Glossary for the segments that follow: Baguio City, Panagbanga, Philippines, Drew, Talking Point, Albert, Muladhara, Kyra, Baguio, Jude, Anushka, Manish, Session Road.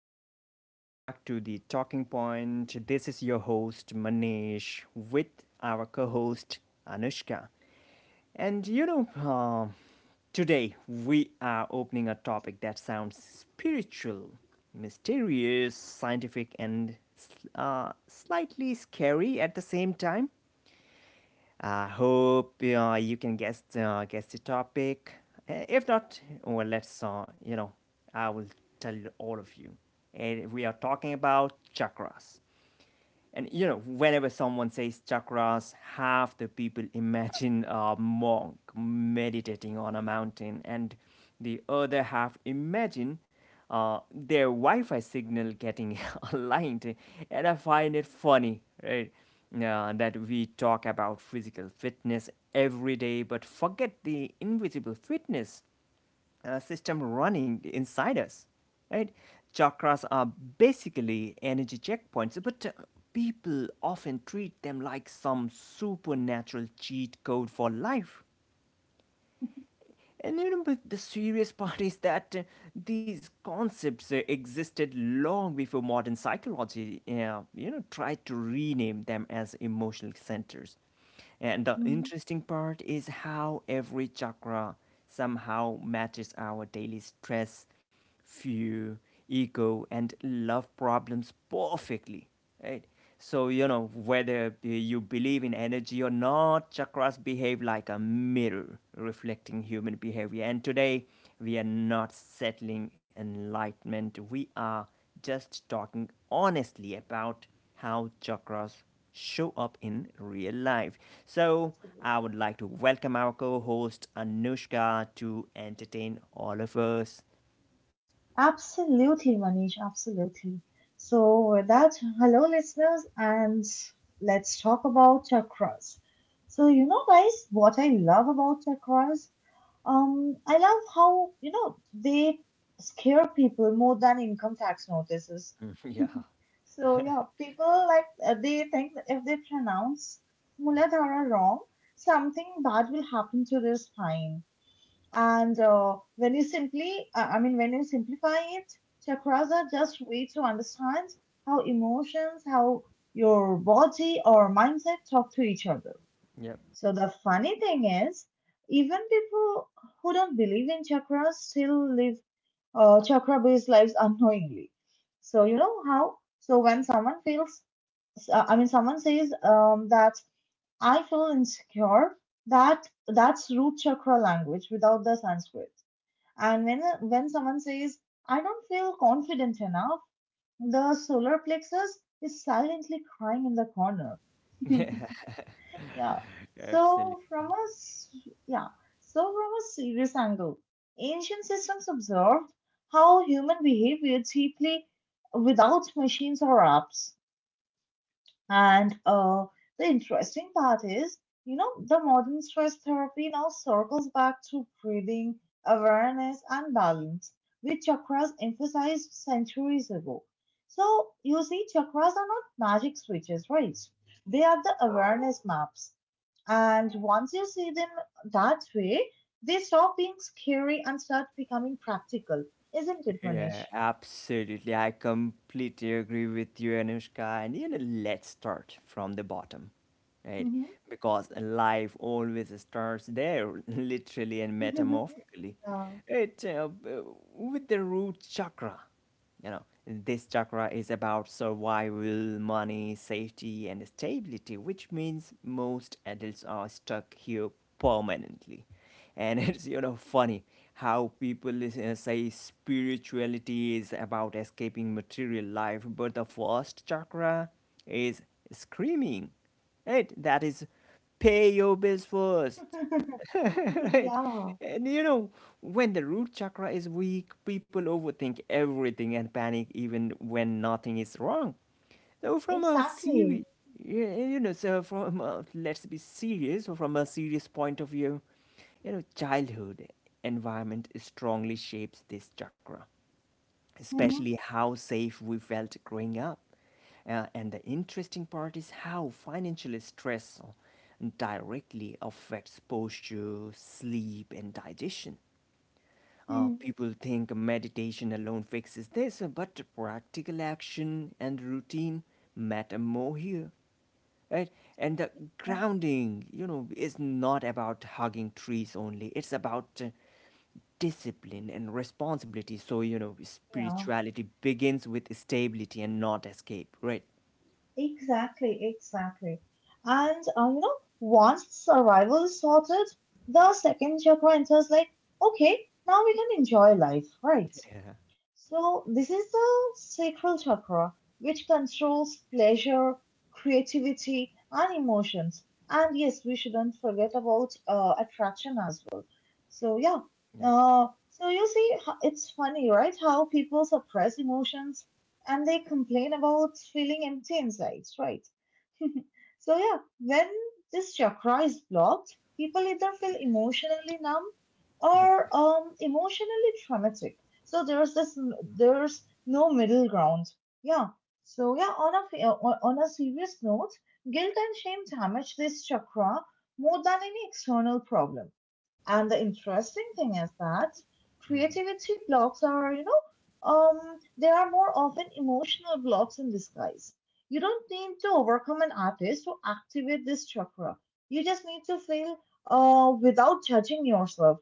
and welcome back to the Talking Point. This is your host Manish with our co host Anushka. And you know, uh, Today we are opening a topic that sounds spiritual, mysterious, scientific, and slightly scary at the same time. I hope you can guess the topic. If not, well, let's uh, you know, I will tell all of you. And we are talking about chakras. And you know, whenever someone says chakras, half the people imagine a monk meditating on a mountain, and the other half imagine uh, their Wi-Fi signal getting aligned. And I find it funny, right? That we talk about physical fitness every day, but forget the invisible fitness system running inside us, right? Chakras are basically energy checkpoints, but people often treat them like some supernatural cheat code for life. And you know, but the serious part is that these concepts existed long before modern psychology, tried to rename them as emotional centers. And the Mhm. interesting part is how every chakra somehow matches our daily stress, fear, ego, and love problems perfectly, right? So, you know, whether you believe in energy or not, chakras behave like a mirror reflecting human behavior. And today, we are not settling enlightenment. We are just talking honestly about how chakras show up in real life. So, I would like to welcome our co host Anushka to entertain all of us. Absolutely, Manish, absolutely. So, with that, hello, listeners, and let's talk about chakras. So, you know, guys, what I love about chakras, I love how, you know, they scare people more than income tax notices. Mm, yeah. So, yeah, people like they think that if they pronounce Muladhara wrong, something bad will happen to their spine. And when you simply, I mean, when you simplify it, chakras are just way to understand how emotions, how your body or mindset talk to each other. yep. So the funny thing is, even people who don't believe in chakras still live chakra-based lives unknowingly. So you know how? So when someone feels, I mean, someone says that I feel insecure, that's root chakra language without the Sanskrit and when someone says, I don't feel confident enough, the solar plexus is silently crying in the corner. Yeah. Absolutely. So yeah, so from a serious angle, ancient systems observed how human behavior deeply without machines or apps. And the interesting part is, you know, the modern stress therapy now circles back to breathing, awareness, and balance, which chakras emphasized centuries ago. So, you see, chakras are not magic switches, right? They are the awareness maps. And once you see them that way, they stop being scary and start becoming practical. Isn't it, Yeah, Manish? absolutely. I completely agree with you, Anushka. And you know, let's start from the bottom, right? Mhm. Because life always starts there, literally and metamorphically. Yeah. It With the root chakra, you know, this chakra is about survival, money, safety, and stability, which means most adults are stuck here permanently. And it's, you know, funny how people say spirituality is about escaping material life, but the first chakra is screaming, right? That is, pay your bills first. Right. Yeah, And you know, when the root chakra is weak, people overthink everything and panic even when nothing is wrong. So from a exactly. serious, you know, so from a, let's be serious, so from a serious point of view, you know, childhood environment strongly shapes this chakra, Mhm, especially how safe we felt growing up. And the interesting part is how financial stress directly affects posture, sleep, and digestion. Mhm. People think meditation alone fixes this, but practical action and routine matter more here. Right? And the grounding, you know, is not about hugging trees only. It's about discipline and responsibility. So, you know, Yeah, spirituality begins with stability and not escape, right? exactly, exactly. And you know, once survival is sorted, the second chakra enters like, okay, now we can enjoy life, right? Yeah, So this is the sacral chakra, which controls pleasure, creativity, and emotions. And yes, we shouldn't forget about attraction as well. So yeah, yeah, so you see, it's funny, right? How people suppress emotions and they complain about feeling empty inside, right? So yeah, when this chakra is blocked, people either feel emotionally numb yeah. or emotionally traumatic. So there's no middle ground. Yeah. So yeah, on a serious note, guilt and shame damage this chakra more than any external problem and the interesting thing is that Mhm. creativity blocks are, you know, um, they are more often emotional blocks in disguise. You don't need to overcome an artist to activate this chakra. You just need to feel without judging yourself.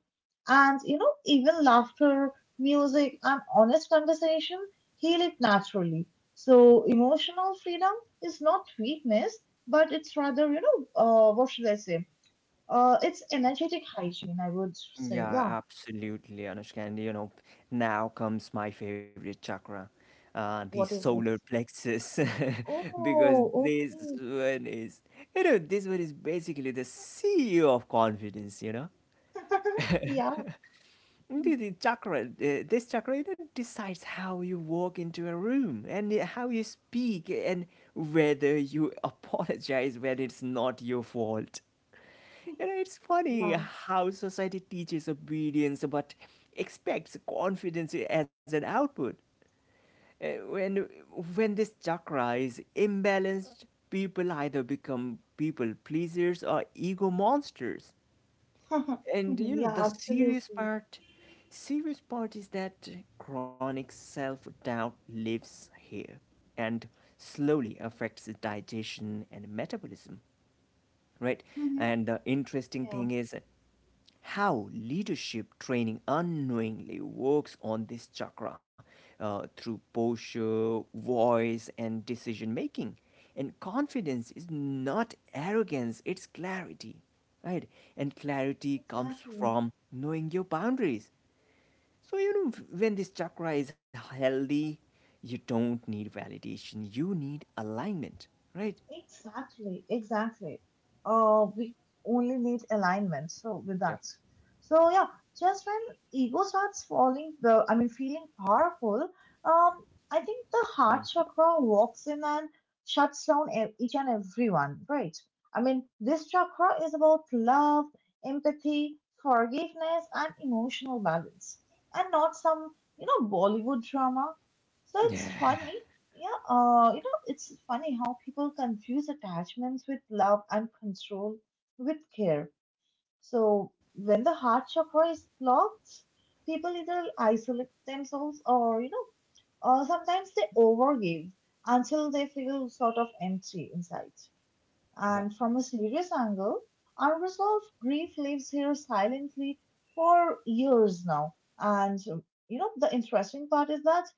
And, you know, even laughter, music, and honest conversation heal it naturally. So emotional freedom is not weakness, but it's rather, you know, what should I say? It's energetic hygiene, I would say. Yeah, Yeah. absolutely, Anushka. And you know, now comes my favorite chakra, the What is solar it? plexus, because Oh, one is, this one is basically the CEO of confidence. You know, okay. Yeah. this chakra, you know, decides how you walk into a room and how you speak and whether you apologize when it's not your fault. You know, it's funny Yeah. how society teaches obedience but expects confidence as an output. Uh, When, when this chakra is imbalanced, people either become people pleasers or ego monsters. And you know, the Yeah, serious absolutely. part, serious part is that chronic self-doubt lives here and slowly affects digestion and metabolism, right? Hmm. And the interesting Yeah, thing is how leadership training unknowingly works on this chakra through posture, voice, and decision making. And confidence is not arrogance, it's clarity, right? And clarity comes exactly. from knowing your boundaries. So, you know, when this chakra is healthy, you don't need validation, you need alignment, right? Exactly, exactly. We only need alignment. So with Yeah. that, so yeah, just when ego starts falling, the I mean, feeling powerful, um, I think the Mm. heart chakra walks in and shuts down each and everyone, right? I mean, this chakra is about love, empathy, forgiveness, and emotional balance, and not some you know Bollywood drama. Yeah. So it's funny yeah, you know, it's funny how people confuse attachments with love and control with care. So when the heart chakra is blocked, people either isolate themselves or, you know, sometimes they overgive until they feel sort of empty inside. Yep. And from a serious angle, unresolved grief lives here silently for years now. And you know, the interesting part is that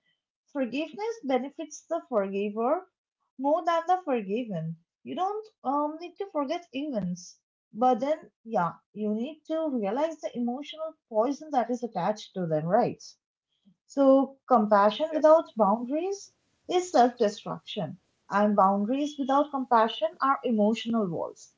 forgiveness benefits the forgiver more than the forgiven. You don't need to forget events, but then, yeah, you need to realize the emotional poison that is attached to them, right? So, compassion without boundaries is self destruction, and boundaries without compassion are emotional walls.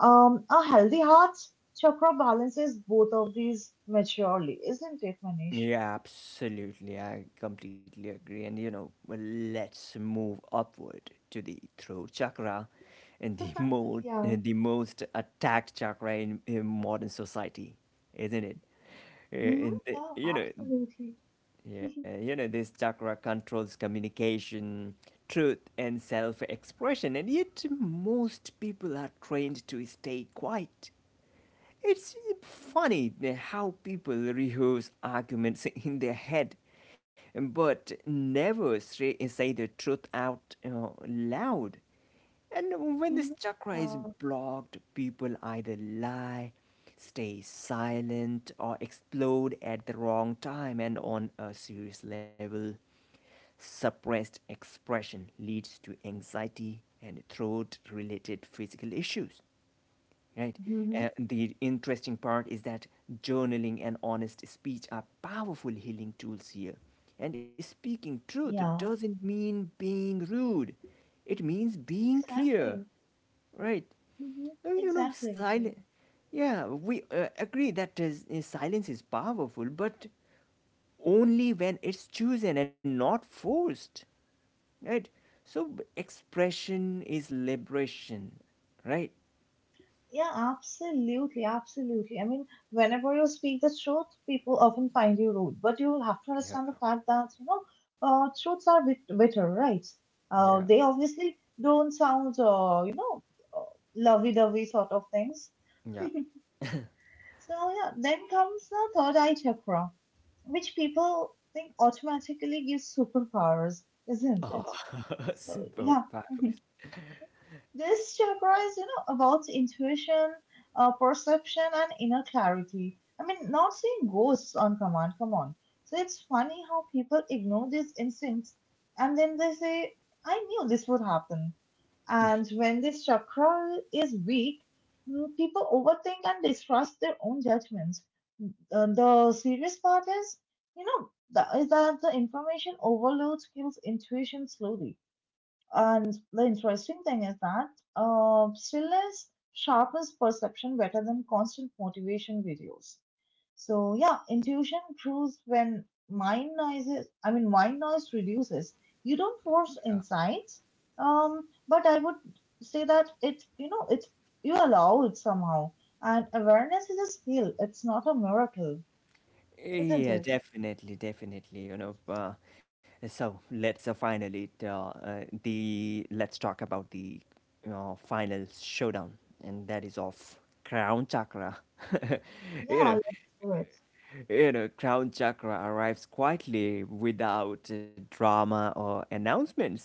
A healthy heart chakra balances both of these maturely, isn't it, Manish? Yeah, absolutely. I completely agree. And you know, well, let's move upward to the throat chakra and the mo Yeah. the most attacked chakra in modern society, isn't it? Hmm. And the, Yeah, you know, absolutely. yeah, You know, this chakra controls communication, truth, and self-expression, and yet most people are trained to stay quiet. It's Hmm. funny how people rehearse arguments in their head but never say the truth out uh, loud. And when this Hmm. chakra is Yeah. blocked, people either lie, stay silent, or explode at the wrong time. And on a serious level, suppressed expression leads to anxiety and throat related physical issues. Right. Hmm. The interesting part is that journaling and honest speech are powerful healing tools here. And speaking truth Yeah. doesn't mean being rude, it means being clear, Exactly. right? Hmm. You know, Exactly. silent. Yeah, we agree that is, silence is powerful, but only when it's chosen and not forced, right? So, expression is liberation, right? Yeah, absolutely, absolutely. I mean, whenever you speak the truth, people often find you rude, but you have to Yeah, understand the fact that, you know, truths are bit bitter, right? yeah, They obviously don't sound, you know, uh, lovey-dovey sort of things. yeah. So, yeah, then comes the third eye chakra, which people think automatically gives superpowers, isn't Oh, it? So, yeah. superpowers. This chakra is, you know, about intuition, perception, and inner clarity. I mean, not seeing ghosts on command, come on. So it's funny how people ignore these instincts and then they say, I knew this would happen. Yeah. And when this chakra is weak, people overthink and distrust their own judgments. The serious part is, is that the information overload kills intuition slowly and the interesting thing is that stillness sharpens perception better than constant motivation videos. So yeah, intuition grows when mind noise is, I mean, mind noise reduces. You don't force insights, but I would say that you know, it you allow it somehow. And awareness is a skill. It's not a miracle, isn't Yeah, it? definitely, definitely. So let's finally the let's talk about the final showdown, and that is of Crown Chakra. You Yeah, know, let's do it. Crown Chakra arrives quietly without drama or announcements.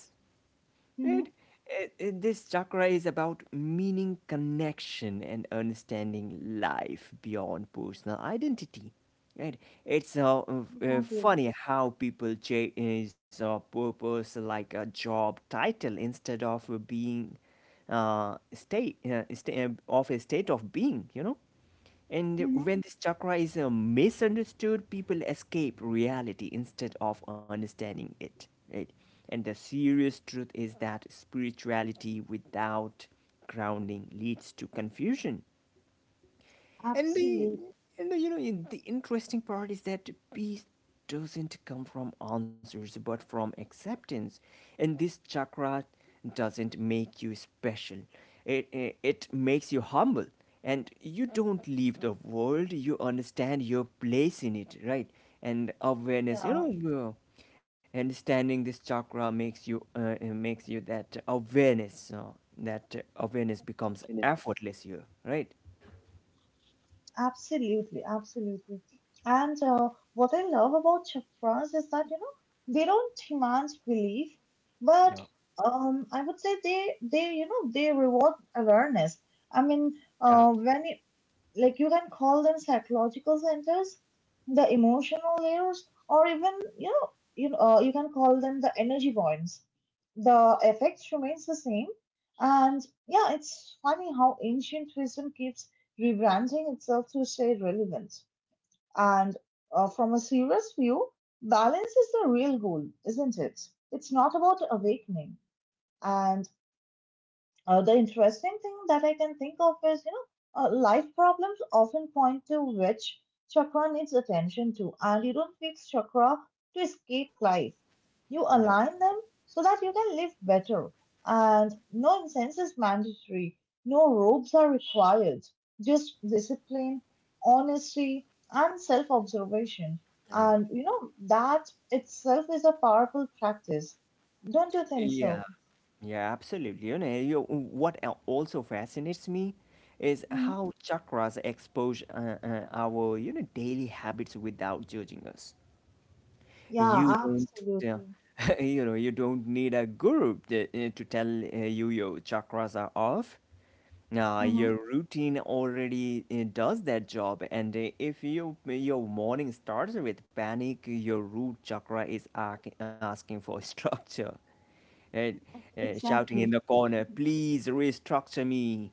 Right? Mm-hmm. This chakra is about meaning, connection, and understanding life beyond personal identity. Right? It's Exactly. funny how people chase purpose like a job title instead of being uh, state sta- of a state of being. You know, and Mm-hmm. when this chakra is misunderstood, people escape reality instead of understanding it. Right? And the serious truth is that spirituality without grounding leads to confusion, and the Absolutely. and the, you know the interesting part is that peace doesn't come from answers but from acceptance. And this chakra doesn't make you special. It makes you humble. And you don't leave the world. You understand your place in it, right? And awareness, you Yeah. know, uh, understanding this chakra makes you that awareness, that awareness becomes effortless here, right? Absolutely, absolutely. And what I love about chakras is that you know they don't demand belief, but I would say they you know they reward awareness. I mean, yeah when like you can call them psychological centers, the emotional layers, or even you know you know, you can call them the energy points. The effect remains the same, and yeah, it's funny how ancient wisdom keeps rebranding itself to stay relevant. And from a serious view, balance is the real goal, isn't it? It's not about awakening. And the interesting thing that I can think of is, you know, life problems often point to which chakra needs attention to, and you don't fix chakra to escape life. You Yeah. align them so that you can live better. And no incense is mandatory, no robes are required, just discipline, honesty, and self observation. And, Yeah. you know, that itself is a powerful practice. Don't you think so? Yeah. Yeah, absolutely. What also fascinates me is how chakras expose our, you know, daily habits without judging us. Yeah, You don't, absolutely. you know, you don't need a guru to tell you your chakras are off. Hmm. Your routine already does that job, and if your morning starts with panic, your root chakra is asking for structure. uh, Shouting in Exactly. the corner, please restructure me.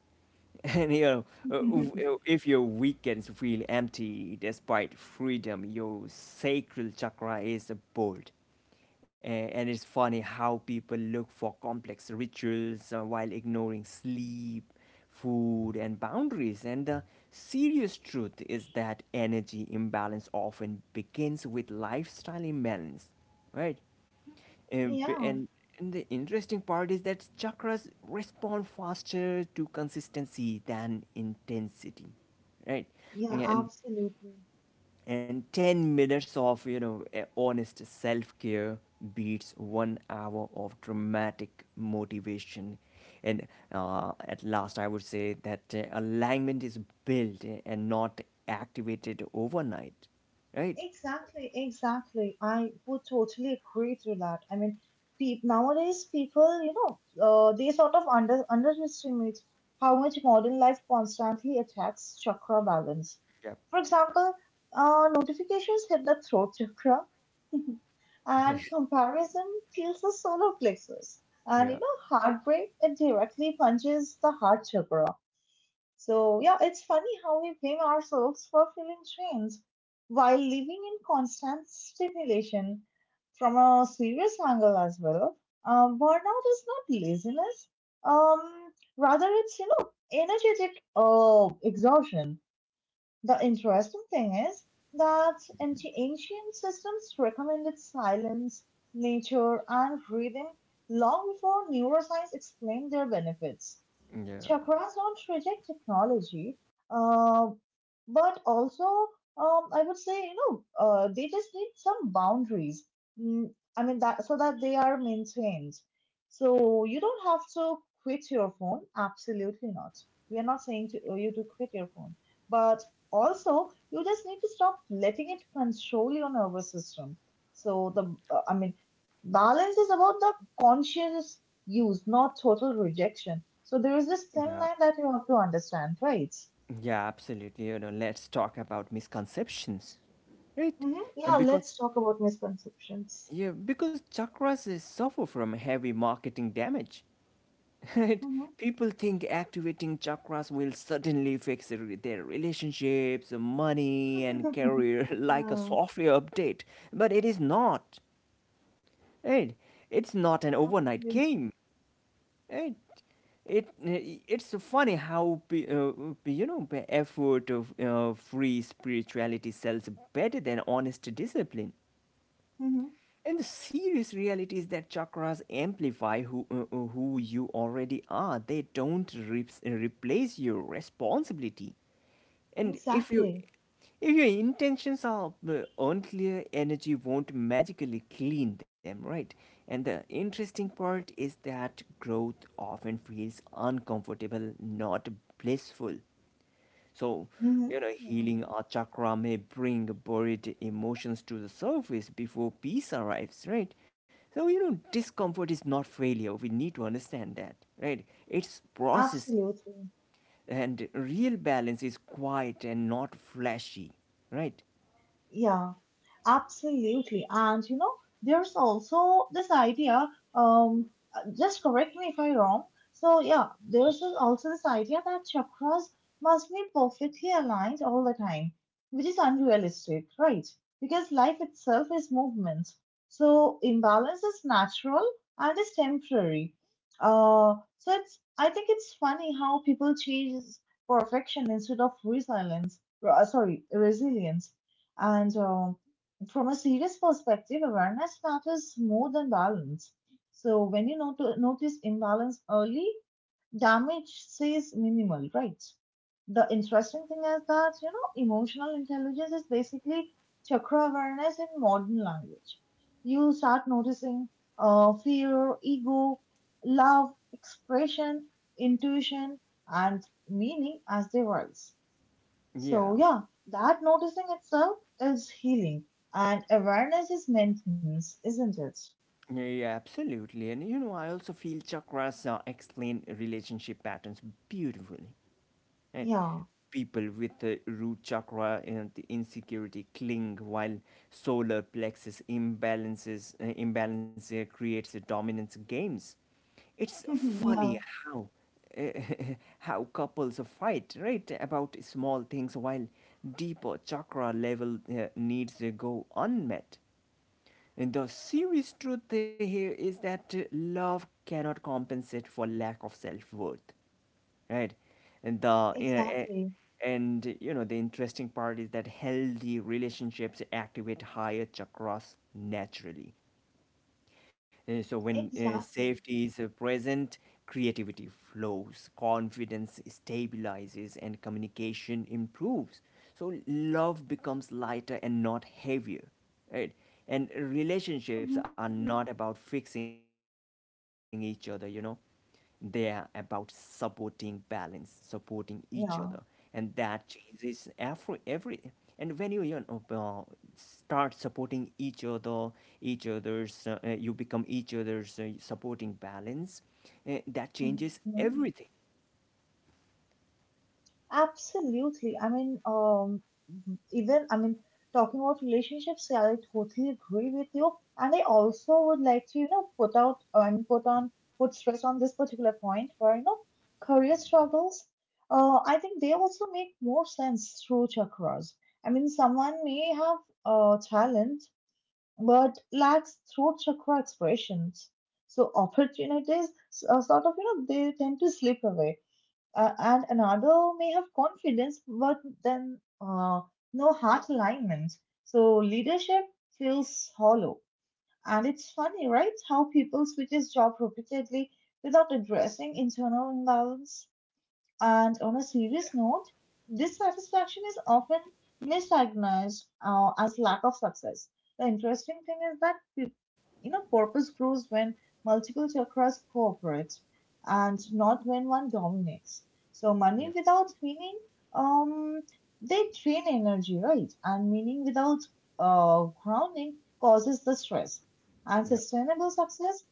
And you know, uh, w- if your weekends feel empty despite freedom, your sacral chakra is bold. A- And it's funny how people look for complex rituals while ignoring sleep, food, and boundaries. And the serious truth is that energy imbalance often begins with lifestyle imbalance, right? um, b- Yeah, and, and the interesting part is that chakras respond faster to consistency than intensity, right? yeah, And absolutely. Ten minutes of, you know, honest self care beats one hour of dramatic motivation. And at last, I would say that alignment is built, and not activated overnight, right? Exactly, exactly. I would totally agree to that. I mean, peop nowadays people, you know, they sort of underestimate how much modern life constantly attacks chakra balance. Yep. For example, notifications hit the throat chakra, and comparison kills the solar plexus and you Yeah, know heartbreak it directly punches the heart chakra so yeah it's funny how we blame ourselves for feeling drained while living in constant stimulation from a serious angle as well, burnout is not laziness, rather it's you know energetic exhaustion. The interesting thing is that anti ancient systems recommended silence, nature, and breathing long before neuroscience explained their benefits. yeah, Chakras don't reject technology, uh, but also, I would say, you know, they just need some boundaries. I mean that so that they are maintained. So you don't have to quit your phone. Absolutely not. We are not saying to you to quit your phone, but also you just need to stop letting it control your nervous system. So I mean, balance is about the conscious use, not total rejection. So there is this yeah, thin yeah. line that you have to understand, right? Yeah, absolutely. You know, let's talk about misconceptions, right? Hmm. Uh, Yeah, Because let's talk about misconceptions. yeah, because chakras is suffer from heavy marketing damage, right? Hmm. People think activating chakras will suddenly fix their relationships, money, and career like a Yeah, software update, but it is not, right? It's not an overnight absolutely. game. Right? It eh, it's funny how you know the effort of free spirituality sells better than honest discipline. Hmm. And the serious reality is that chakras amplify who you already are. They don't replace your responsibility. And Exactly. if your intentions are unclear, energy won't magically clean them, right? And the interesting part is that growth often feels uncomfortable, not blissful. So, Hmm. you know, Yeah, healing a chakra may bring buried emotions to the surface before peace arrives, right? So, you know, discomfort is not failure. We need to understand that, right? It's process, absolutely. and real balance is quiet and not flashy, right? Yeah. Absolutely. And you know, there's also this idea, um, just correct me if I'm wrong. So, yeah, also this idea that chakras must be perfectly aligned all the time, which is unrealistic, right? Because life itself is movement. So, imbalance is natural and is temporary. So it's, I think it's funny how people chase perfection instead of resilience, resilience. And, from a serious perspective, awareness matters more than balance. So when you notice imbalance early, damage stays minimal, right? The interesting thing is that you know emotional intelligence is basically chakra awareness in modern language. You start noticing fear, ego, love, expression, intuition, and meaning as they rise. Yeah. So, yeah, that noticing itself is healing, and awareness is maintenance, isn't it? Yeah, absolutely. And you know, I also feel chakras explain relationship patterns beautifully. Right? Yeah, People with the root chakra and the insecurity cling, while solar plexus imbalances imbalance creates a dominance games. It's funny yeah, how uh, how couples fight, right, about small things, while deeper chakra level needs go unmet. The serious truth here is that love cannot compensate for lack of self-worth, right? And the you know, a- exactly, and you know, the interesting part is that healthy relationships activate higher chakras naturally. So when exactly. safety is present, creativity flows, confidence stabilizes, and communication improves. So love becomes lighter and not heavier, right? And relationships Hmm. are not about fixing each other. They are about supporting balance, supporting each other, and Yeah. that changes every and when you start supporting each other, each other's, you become each other's supporting balance, that changes Mhm. everything. Absolutely. I mean, even, I mean, talking about relationships, yeah, I totally agree with you. And I also would like to, you know, I mean, put stress on this particular point where, you know, career struggles, I think they also make more sense through chakras. I mean, someone may have talent, but lacks throat chakra expressions. So opportunities sort of, you know, they tend to slip away and another may have confidence but then no heart alignment. So leadership feels hollow. And it's funny, right? How people switches job repeatedly without addressing internal imbalance. And on a serious note, dissatisfaction is often misdiagnosed as lack of success. The interesting thing is that you know, purpose grows when multiple chakras cooperate and not when one dominates. So, money Yeah, without meaning, um, they drain energy, right? And meaning without grounding causes the stress. And yeah, sustainable success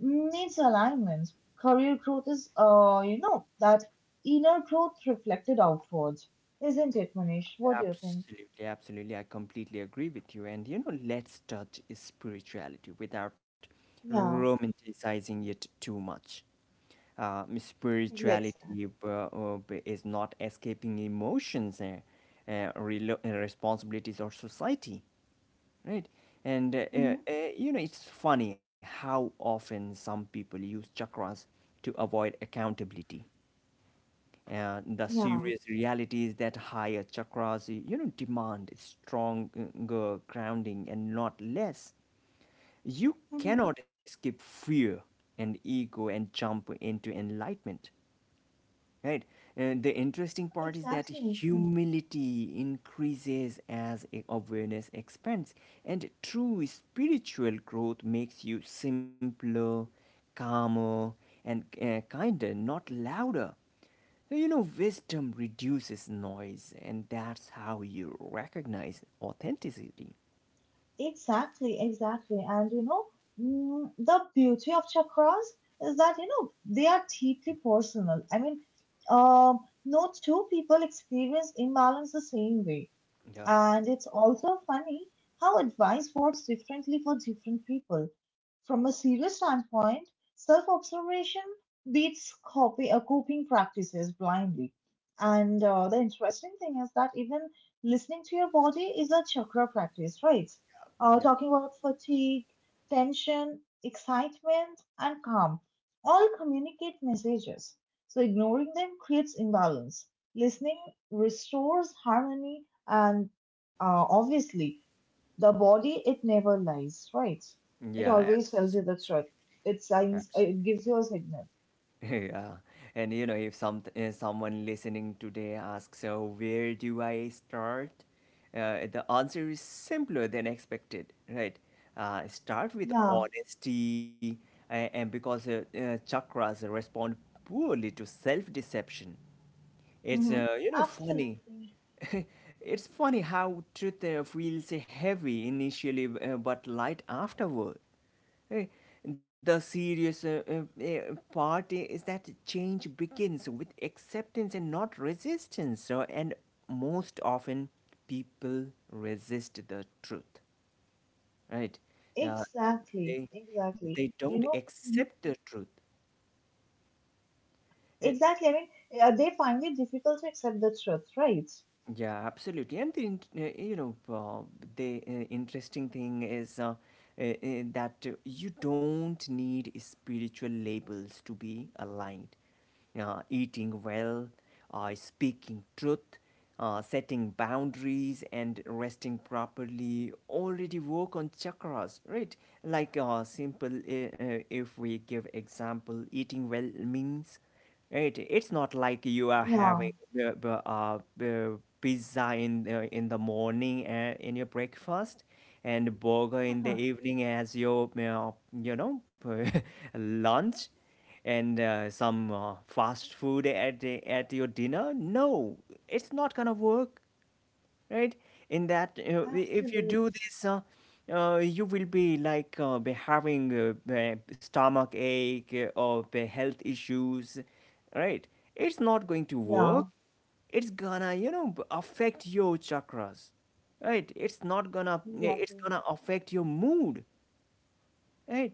needs alignment. Career growth is, that inner growth reflected outward, isn't it, Manish? What do you think? absolutely, absolutely. I completely agree with you. And you know, let's touch spirituality without Yeah, romanticizing it too much. Let's that. Spirituality is not escaping emotions and responsibilities or society, right? And Hmm. You know, it's funny how often some people use chakras to avoid accountability. The Yeah. serious reality is that higher chakras, you know, demand stronger grounding and not less. You Hmm. cannot escape fear and ego and jump into enlightenment. Right. And the interesting part is that Exactly. humility increases as awareness expands, and true spiritual growth makes you simpler, calmer, and kinder, not louder. So, you know, wisdom reduces noise, and that's how you recognize authenticity. Exactly. And you know, the beauty of chakras is that you know they are deeply personal. I mean, um, no two people experience imbalance the same way. Yeah. And it's also funny how advice works differently for different people. From a serious standpoint, self observation beats coping practices blindly. And the interesting thing is that even listening to your body is a chakra practice, right? Yeah. Talking about fatigue, tension, excitement, and calm all communicate messages. So ignoring them creates imbalance. Listening restores harmony and obviously, the body, it never lies, right? It Yeah. always tells you the truth. It it gives you a signal. Yeah. And you know, if someone listening today asks, so where do I start? The answer is simpler than expected, right? Start with Yeah. honesty, and because chakras respond poorly to self-deception. It's Mm-hmm. You know, funny. Absolutely. It's funny how truth feels heavy initially, but light afterward. Eh, The serious part is that change begins with acceptance and not resistance. So, and most often, people resist the truth, right? Yeah, Exactly, they exactly. they You don't know, mhm. accept the truth. And Exactly. I mean, they find it difficult to accept the truth, right? yeah, absolutely. And you know, the interesting thing is that you don't need spiritual labels to be aligned. Eating well, speaking truth, setting boundaries, and resting properly already work on chakras, right? Like simple, if we give example, eating well means, right. It's not like you are Yeah. having pizza in the morning in your breakfast and burger Uh in the huh. evening as you know, lunch and some fast food at your dinner. No, it's not gonna work, right? In that, you know, if you Absolutely. do this, you will be like, be having stomach ache, or the health issues, right? It's not going to work. Yeah, It's gonna, you know, affect your chakras, right? It's not gonna, it's exactly. gonna affect your mood. Right.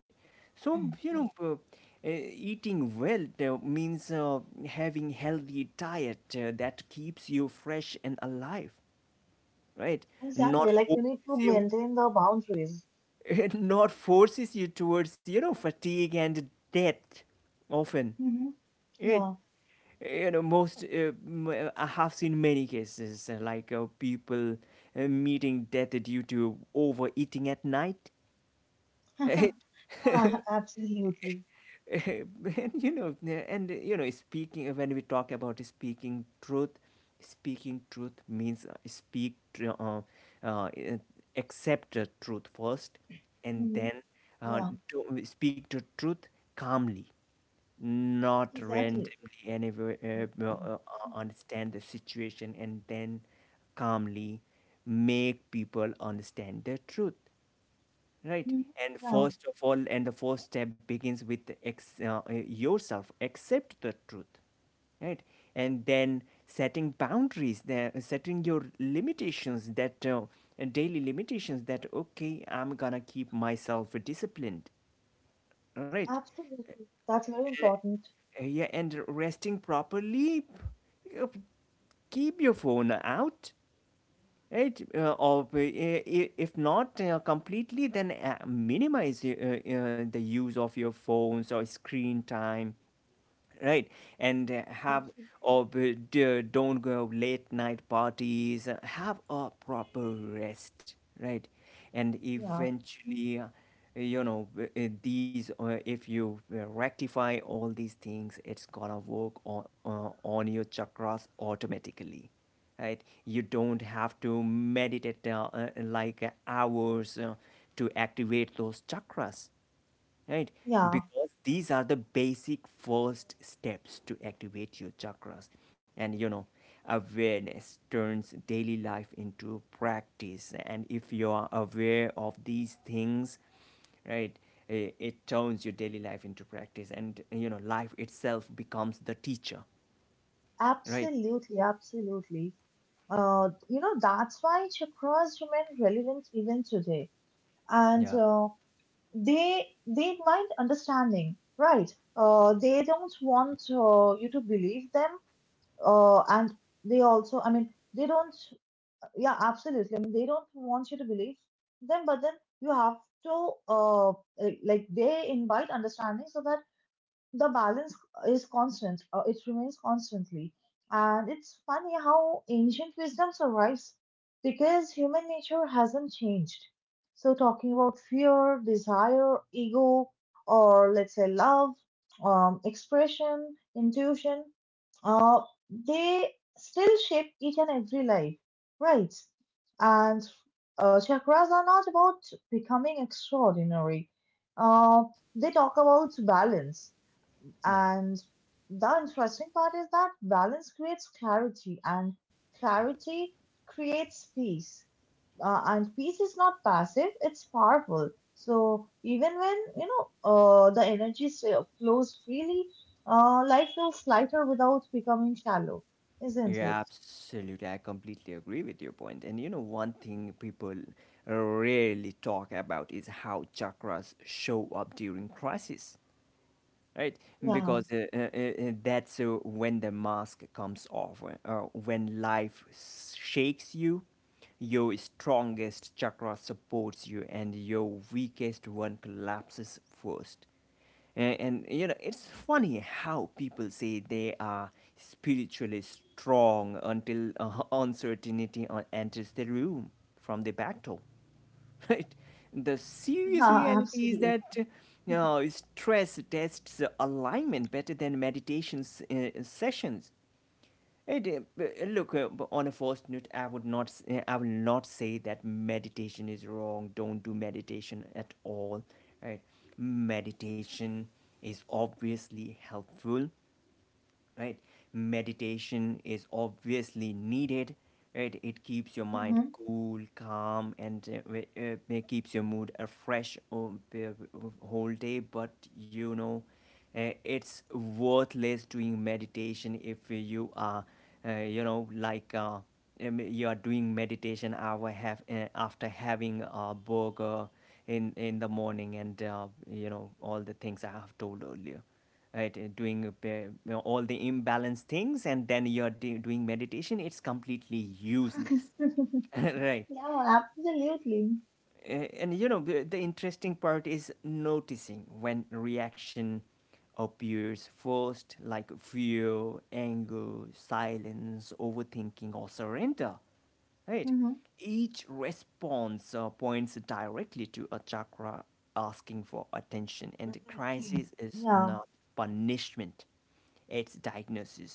So, you know, eating well means having healthy diet that keeps you fresh and alive, right? Exactly. Not Like, you need to forces you, maintain the boundaries. it not forces you towards, you know, fatigue and death often. Hmm. It, Yeah. you know, I have seen many cases, like, people meeting death due to overeating at night. Yeah, absolutely. And you know, yeah, and you know, speaking, when we talk about speaking truth, speaking truth means, uh, eh, accept the truth first, and Hmm. then uh, Yeah. to speak the truth calmly, not randomly, Exactly. and if, Mhm. Understand the situation, and then calmly make people understand the truth, right? Mhm. And Yeah, first of all, and the first step begins with yourself accept the truth, right? And then setting boundaries, setting your limitations, that daily limitations, that okay, I'm gonna keep myself disciplined, right? absolutely. That's very important. Yeah, and resting properly, uh, keep your phone out. Right. If not completely, then minimize the use of your phones or screen time, right? And have Absolutely. Don't go late night parties. Have a proper rest, right? And Yeah, eventually, you know, these if you rectify all these things, it's gonna work on your chakras automatically, right? You don't have to meditate like hours to activate those chakras, right? yeah, Because these are the basic first steps to activate your chakras. And you know, awareness turns daily life into practice. And if you are aware of these things, right, it turns your daily life into practice. And you know, life itself becomes the teacher, right? absolutely, absolutely. You know, that's why chakras remain relevant even today. And Yeah, they mind understanding, right? They don't want you to believe them. And they also, I mean, they don't. Yeah, absolutely. I mean, they don't want you to believe them, but then you have to like they invite understanding so that the balance is constant, it remains constantly. And it's funny how ancient wisdom survives because human nature hasn't changed. So talking about fear, desire, ego, or let's say love, expression, intuition, uh, they still shape each and every life, right? And chakras are not about becoming extraordinary. uh, they talk about balance. yeah. And the interesting part is that balance creates clarity, and clarity creates peace. And peace is not passive, it's powerful. So even when, you know, the energy flows freely, life feels lighter without becoming shallow, isn't Yeah, it? absolutely. I completely agree with your point. And you know, one thing people rarely talk about is how chakras show up during crisis, right? Yeah, Because that's when the mask comes off, when life shakes you. Your strongest chakra supports you, and your weakest one collapses first. And you know, it's funny how people say they are spiritually strong until uncertainty enters the room from the back door. Right. The serious yeah, reality is absolutely. that you know, stress tests alignment better than meditation sessions. Look, on a first note, I would not, s- I will not say that meditation is wrong. Don't do meditation at all, right? Meditation is obviously helpful, right? Meditation is obviously needed, right? It keeps your mind Mhm. cool, calm, and it keeps your mood fresh the whole day. But you know, it's worthless doing meditation if you are, you know, like, you are doing meditation after having a burger in the morning and you know, all the things I have told earlier, right? Doing all the imbalanced things, and then you're doing meditation, it's completely useless. Right. Yeah, absolutely. And you know, the interesting part is noticing when reaction appears first, like fear, anger, silence, overthinking, or surrender, right? Mhm. Each response points directly to a chakra asking for attention, and the crisis is Yeah, not punishment, it's diagnosis.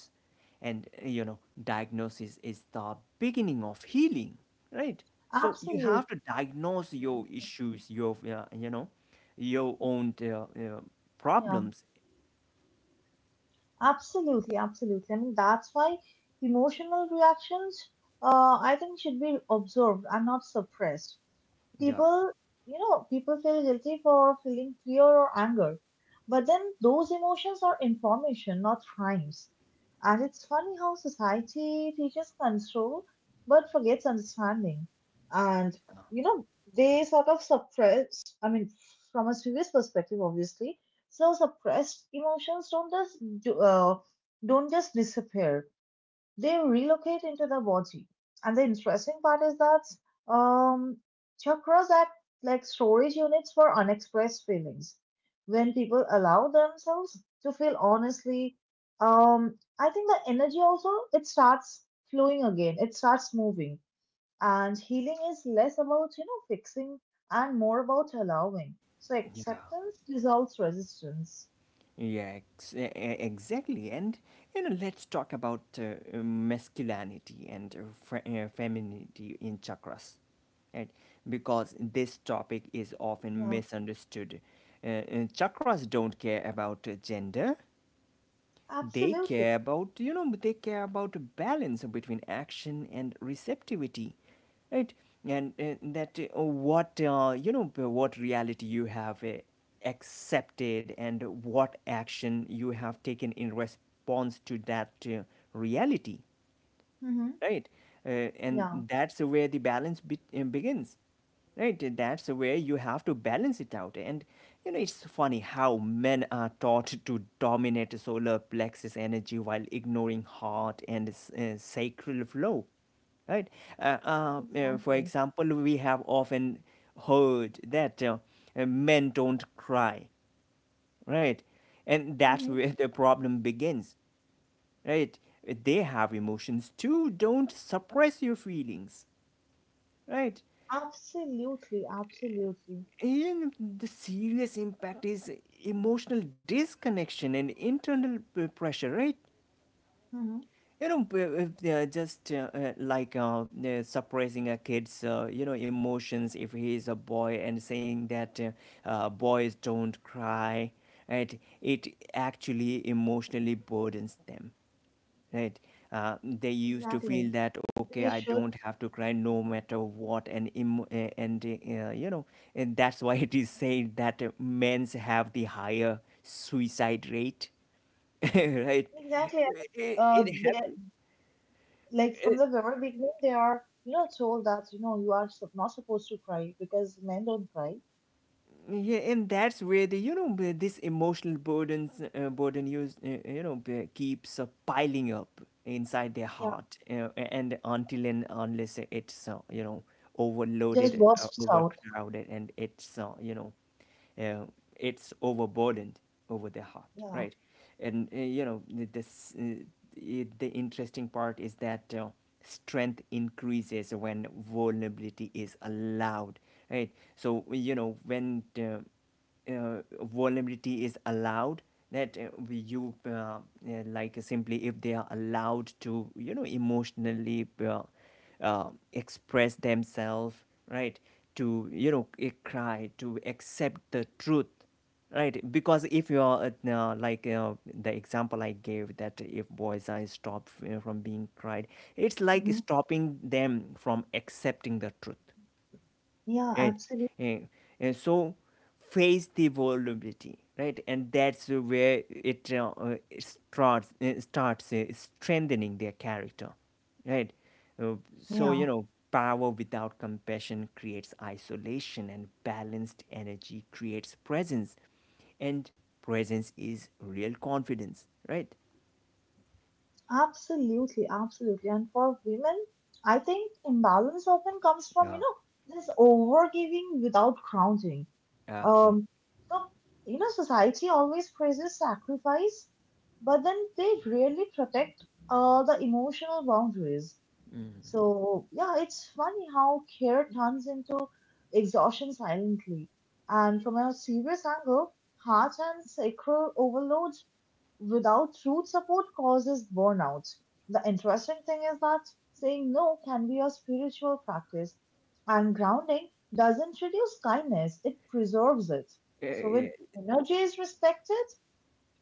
And you know, diagnosis is the beginning of healing, right? So you absolutely. have to diagnose your issues, your you know, your own Yeah. problems. Absolutely, absolutely. I mean, that's why emotional reactions, I think, should be observed and not suppressed. Yeah. People, you know, people feel guilty for feeling fear or anger, but then those emotions are information, not crimes. And it's funny how society teaches control but forgets understanding. And you know, they sort of suppress, I mean, from a serious perspective, obviously. So suppressed emotions do, uh, don't just disappear, they relocate into the body. And the interesting part is that chakras act like storage units for unexpressed feelings. When people allow themselves to feel honestly, I think the energy also it starts flowing again. It starts moving, and healing is less about you know fixing and more about allowing. So uh, acceptance dissolves resistance. yeah exactly. And you know, let's talk about masculinity and femininity in chakras, right? Because this topic is often Yeah, misunderstood. Chakras don't care about gender. They absolutely. care about, you know, they care about balance between action and receptivity, right? And you know, what reality you have accepted and what action you have taken in response to that reality, Hmm. right? And Yeah, that's where the begins, right? That's where you have to balance it out. And you know, it's funny how men are taught to dominate solar plexus energy while ignoring heart and sacral flow, right? For exactly. example, we have often heard that men don't cry, right? And that's Mm-hmm. where the problem begins, right? They have emotions too, don't suppress your feelings, right? Absolutely, absolutely. And the serious impact is emotional disconnection and internal pressure, right? Hmm. You know, if they just like, suppressing a kid's, you know, emotions, if he is a boy and saying that boys don't cry, right? It actually emotionally burdens them. Right. Uh, they used to feel Exactly. that okay, They I should. don't have to cry no matter what, and you know, and that's why it is said that men's have the higher suicide rate, right? Exactly. It, it They, like from happens. the very beginning, they are, you know, told that, you know, you are not supposed to cry because men don't cry. Yeah, and that's where the, you know, this emotional burdens burden you, you know, keeps piling up inside their Yeah. heart, and until and unless it's, you know, overloaded, Just bursts out. overcrowded, and it's, you know, uh, it's overburdened over their heart, Yeah. right? And you know, the- this I the interesting part is that strength increases when vulnerability is allowed, right? So you know, when uh, vulnerability is allowed, that you like, simply if they are allowed to, you know, emotionally uh, express themselves, right? To, you know, cry, to accept the truth, right? Because if you are, like, the example I gave, that if boys are stopped from being cried, it's like Hmm. stopping them from accepting the truth, Yeah, right? absolutely. And, and so face the vulnerability, right? And that's where it, it starts starts strengthening their character, right. Uh, so Yeah. you know, power without compassion creates isolation, and balanced energy creates presence, and presence is real confidence, right? Absolutely, absolutely. And for women, I think imbalance often comes from, Yeah. you know, this overgiving without grounding. Absolutely. Um, so, you know, society always praises sacrifice, but then they rarely protect the emotional boundaries. Mm. So, yeah, it's funny how care turns into exhaustion silently. And from a serious angle, heart and sacral overload without root support causes burnout. The interesting thing is that saying no can be a spiritual practice, and grounding doesn't reduce kindness, it preserves it. Uh, So, when yeah, energy is respected,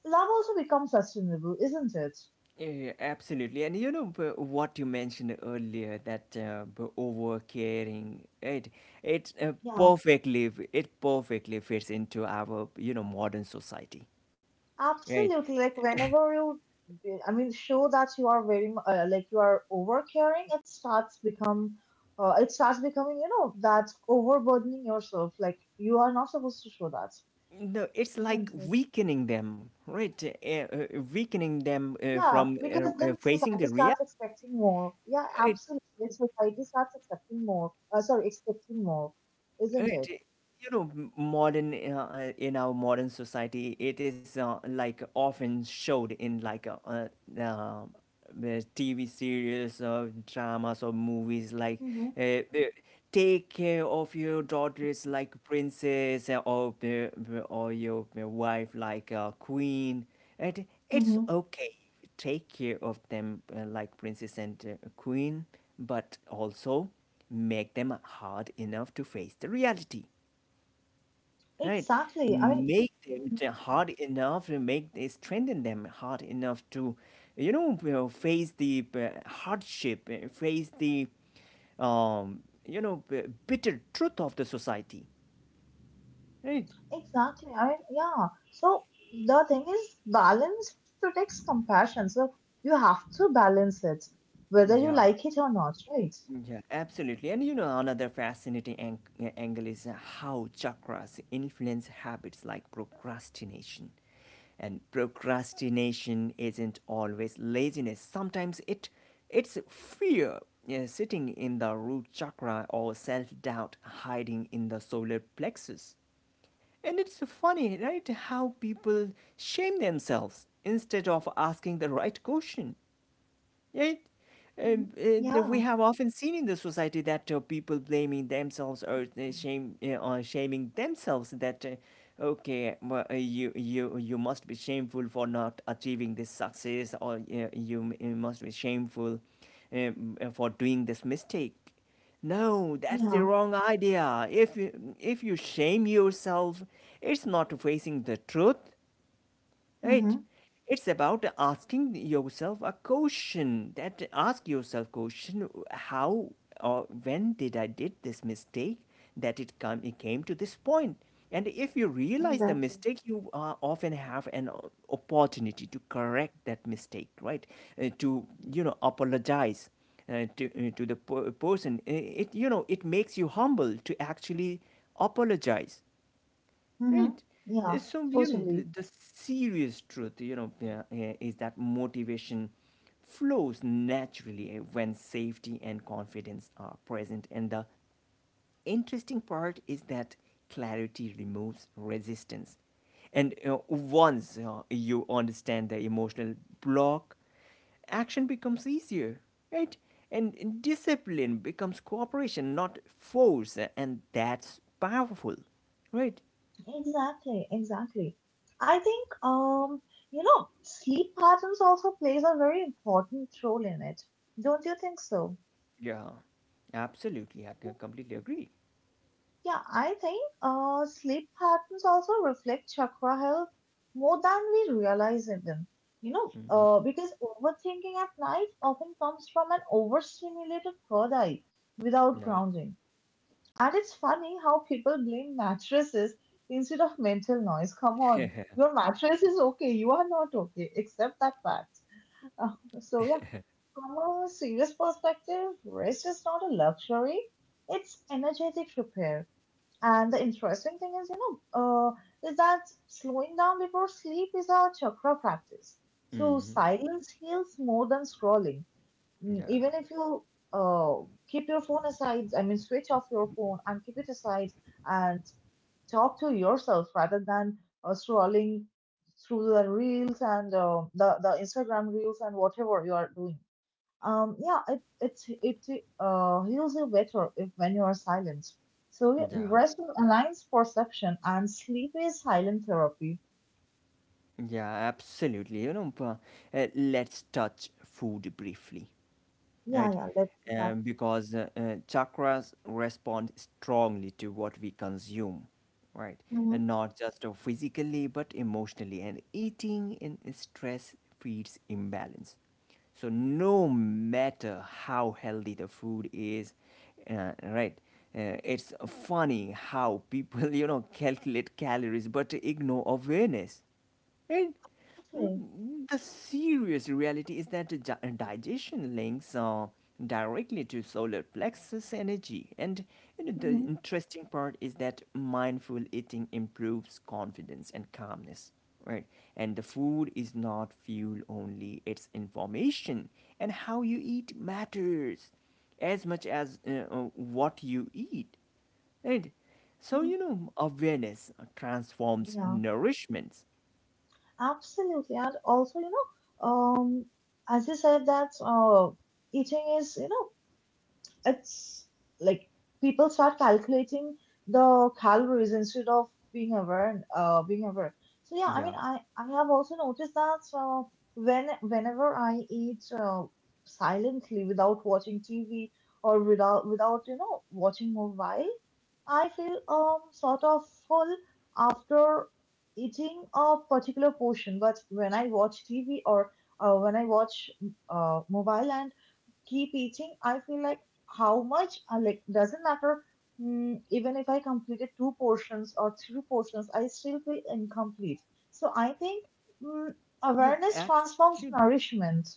love also becomes sustainable, isn't it? yeah, absolutely. And you know, what you mentioned earlier, that over caring, it it Yeah, perfectly it perfectly fits into our, you know, modern society, right? absolutely. Like, whenever you I mean, show that you are very like you are overcaring. It starts becoming, you know, that overburdening yourself. Like you are not supposed to show that. No, it's like Isn't it? weakening them, right? Weakening them Yeah, from because then facing the society reality. starts expecting more. Yeah, absolutely. Society starts accepting more. Sorry, expecting more, Right. isn't it? You know, m- modern in our modern society, it is, like, often showed in, like, the TV series or dramas or movies like Mm-hmm. uh, uh, take care of your daughters like princess, or your wife like queen. And it's Mm-hmm. okay, take care of them like princess and queen, but also make them hard enough to face the reality, right? Exactly. I mean, Make them Mhm. Hard enough to make they strengthen them hard enough to face the hardship, face the um you know b- bitter truth of the society, right? Exactly. I mean, yeah. So the thing is, balance protects compassion. So you have to balance it, whether you like Yeah, it or not, right? yeah, absolutely. And you know, another fascinating angle is how chakras influence habits like procrastination. And procrastination isn't always laziness, sometimes it's fear, yeah, sitting in the root chakra, or self-doubt hiding in the solar plexus. And it's funny, right, how people shame themselves instead of asking the right question. Yeah. Hmm. That Yeah. we have often seen in the society, that people blaming themselves, or shame or shaming themselves, that okay, well, you must be shameful for not achieving this success, or you must be shameful, um, for doing this mistake. No, that's the Yeah. wrong idea. If you, if you shame yourself, it's not facing the truth, right? Mm-hmm. It's about asking yourself a question, that ask yourself question: how or when did I did this mistake, that it came to this point. And if you realize the Exactly. mistake, you often have an opportunity to correct that mistake, right? To, apologize to the person. It, it makes you humble to actually apologize. Right. Mm-hmm. Yeah. So, you know, th- Totally. the serious truth, you know, is that motivation flows naturally when safety and confidence are present. And the interesting part is that clarity removes resistance. And once you understand the emotional block, action becomes easier, right? And discipline becomes cooperation, not force. And that's powerful. Right. Exactly. I think you know, sleep patterns also plays a very important role in it. Don't you think so? Yeah, absolutely. I completely agree. Yeah, I think sleep patterns also reflect chakra health more than we realize even. You know, Hmm. because overthinking at night often comes from an overstimulated third eye without Yeah. grounding. And it's funny how people blame mattresses instead of mental noise. Come on, your mattress is okay, you are not okay. Accept that fact. So, yeah, from a serious perspective, rest is not a luxury, it's energetic repair. And the interesting thing is, you know, is that slowing down before sleep is a chakra practice. So, Hmm. silence heals more than scrolling. Yeah, Even if you uh, keep your phone aside, I mean, switch off your phone and keep it aside and talk to yourself rather than scrolling through the reels and the Instagram reels and whatever you are doing. Yeah, it heals you better if when you are silent. So yeah, yeah, rest aligns perception and sleep is silent therapy. yeah, absolutely. You know, let's touch food briefly, Yeah, right? yeah, let's do that. Because chakras respond strongly to what we consume, right? Hmm. And not just physically, but emotionally. And eating in stress feeds imbalance. So no matter how healthy the food is, right? It's funny how people, you know, calculate calories but ignore awareness. Right? Okay. Mm. The serious reality is that digestion links directly to solar plexus energy. And you know, the Hmm. interesting part is that mindful eating improves confidence and calmness, right? And the food is not fuel only, it's information. And how you eat matters as much as what you eat, right? So, you know, awareness transforms Yeah. nourishments. Absolutely, and also, you know, as you said that eating is, you know, it's like people start calculating the calories instead of being aware, being aware. So yeah, I Yeah. mean, I have also noticed that when whenever I eat silently without watching TV or without you know watching mobile, I feel sort of full after eating a particular portion. But when I watch TV or when I watch mobile, and keep eating, I feel like how much like doesn't matter. Mm, even if I completed two portions or three portions, I still feel incomplete. So I think mm, Yeah, awareness transforms actually, nourishment.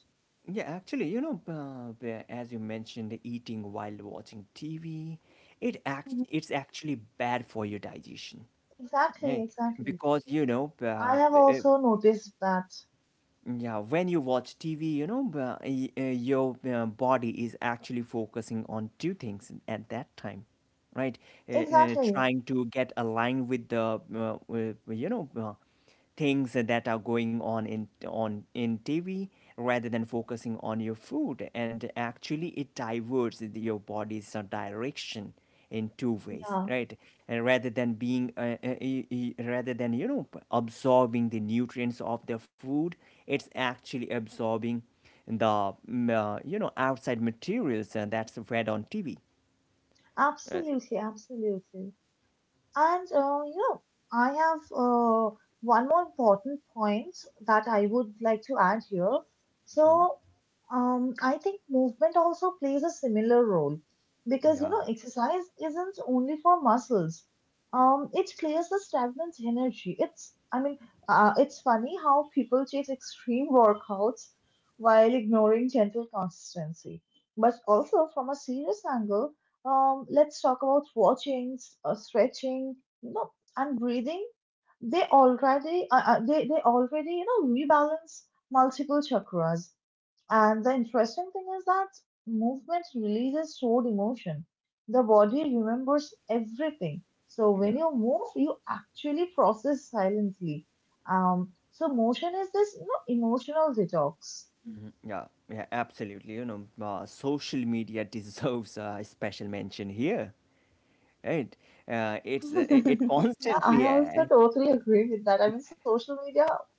yeah, actually, you know, as you mentioned, eating while watching TV, Mhm. it's actually bad for your digestion, Exactly, right? exactly. Because you know, I have uh, also noticed that. yeah, when you watch TV, you know, your body is actually focusing on two things at that time, right? Exactly. Trying to get aligned with with, you know, things that are going on in TV, rather than focusing on your food, and actually it diverts your body's direction in two ways, Yeah, right. And rather than being e- e- rather than you know, absorbing the nutrients of the food, it's actually absorbing the you know, outside materials, that's fed on TV. uh, absolutely, absolutely. And you know, I have one more important point that I would like to add here. Mhm. So, I think movement also plays a similar role because you Yeah, know, exercise isn't only for muscles. It clears the stagnant energy. It's, I mean, it's funny how people chase extreme workouts while ignoring gentle consistency. But also, from a serious angle, let's talk about stretching, you know, and breathing. They already, they already, you know, rebalance multiple chakras. And the interesting thing is that movement releases stored emotion. The body remembers everything. So yeah. when you move, you actually process silently. So motion is this, you know, emotional detox. Mhm. Yeah, yeah, absolutely. You know, social media deserves a special mention here, right? It's it Yeah, I constantly, also totally agree with that. I mean, social media,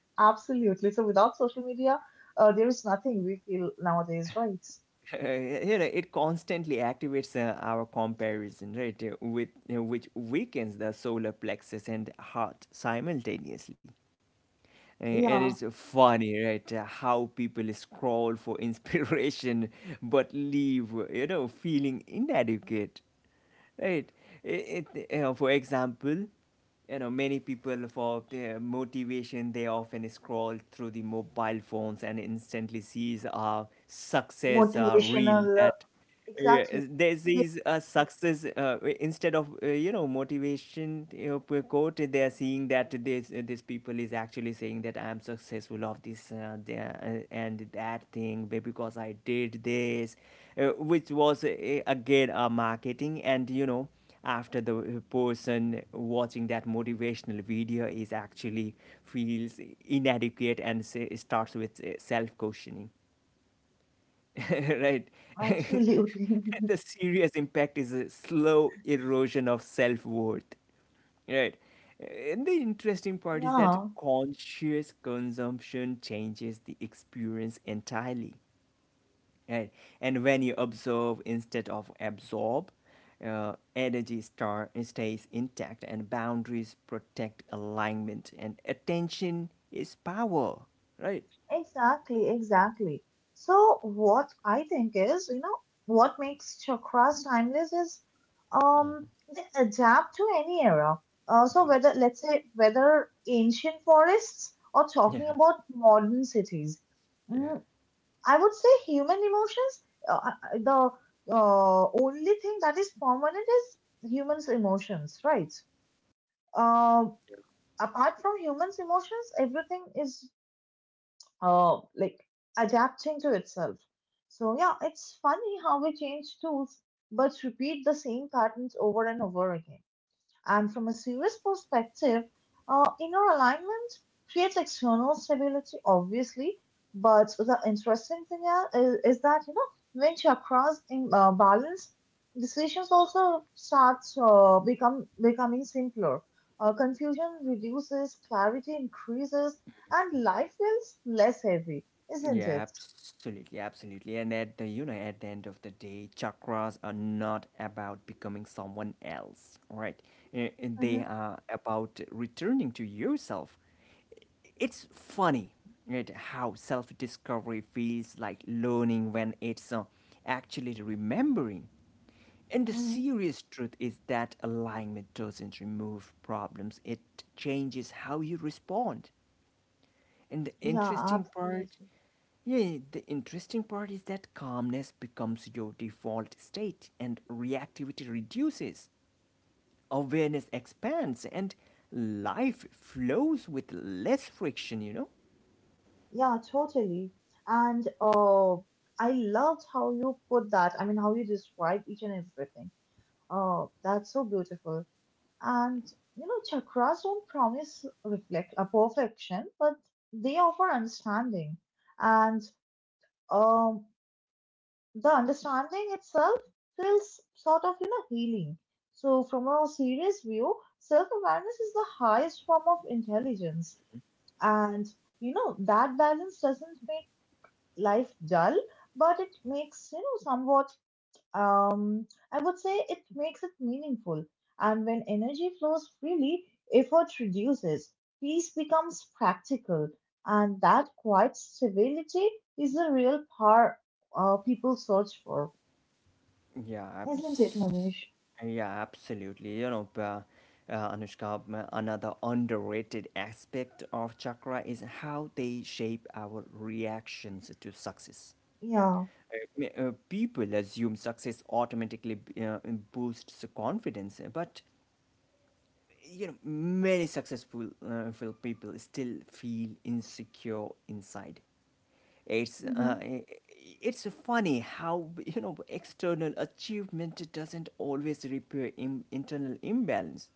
absolutely. So without social media, there is nothing we feel nowadays, right? you know, it constantly activates our comparison, right? With, which weakens the solar plexus and heart simultaneously. And Yeah, it's funny, right? How people scroll for inspiration, but leave, you know, feeling inadequate, right? It, it, for example, you know, many people for their motivation, they often scroll through the mobile phones and instantly sees a success reel motivational, uh, that, yeah, exactly. There's these success, instead of, you know, motivation, you know, per quote, they are seeing that this, people is actually saying that I am successful of this, and that thing because I did this, which was again a marketing. And you know, after the person watching that motivational video is actually feels inadequate, and say, starts with self questioning, right? Absolutely. The serious impact is a slow erosion of self-worth, right. And the interesting part is that Yeah. conscious consumption changes the experience entirely, right. And when you observe instead of absorb, energy star stays intact, and boundaries protect alignment, and attention is power, right. Exactly, exactly. So what I think is, you know, what makes chakras timeless is Mhm. um they adapt to any era. So whether Yeah. let's say whether ancient forests or Yeah, talking about modern cities, mm, yeah. I would say human emotions. Uh, uh, the only thing that is permanent is humans' emotions, right? Uh, apart from humans' emotions, everything is like adapting to itself. So yeah, it's funny how we change tools but repeat the same patterns over and over again. And from a serious perspective, inner alignment creates external stability, obviously. But the interesting thing is that, you know, when chakras in balance, decisions also start become becoming simpler. Confusion reduces, clarity increases, and life feels less heavy, isn't Yeah, it? absolutely, absolutely. And at the end of the day, chakras are not about becoming someone else, all right? They Hmm. are about returning to yourself. It's funny, right? How self-discovery feels like learning when it's actually remembering. And the Hmm. serious truth is that alignment doesn't remove problems; it changes how you respond. And Yeah, absolutely. The interesting part is that calmness becomes your default state, and reactivity reduces, awareness expands, and life flows with less friction, you know? Yeah, totally. And I loved how you put that. I mean, how you described each and everything. Oh, that's so beautiful. And you know, chakras don't promise reflect a perfection, but they offer understanding. And um, the understanding itself feels sort of you know healing. So, from a serious view, self-awareness is the highest form of intelligence. And you know, that balance doesn't make life dull, but it makes, you know, somewhat, I would say it makes it meaningful. And when energy flows freely, effort reduces, peace becomes practical, and that quiet stability is the real power people search for, Yeah, abs- isn't it, Manish? yeah, absolutely. You know, Anushka, another underrated aspect of chakra is how they shape our reactions to success. Yeah. People assume success automatically boosts confidence, but you know, many successful people still feel insecure inside. it's uh, Hmm. it's funny how, you know, external achievement doesn't always repair internal imbalance,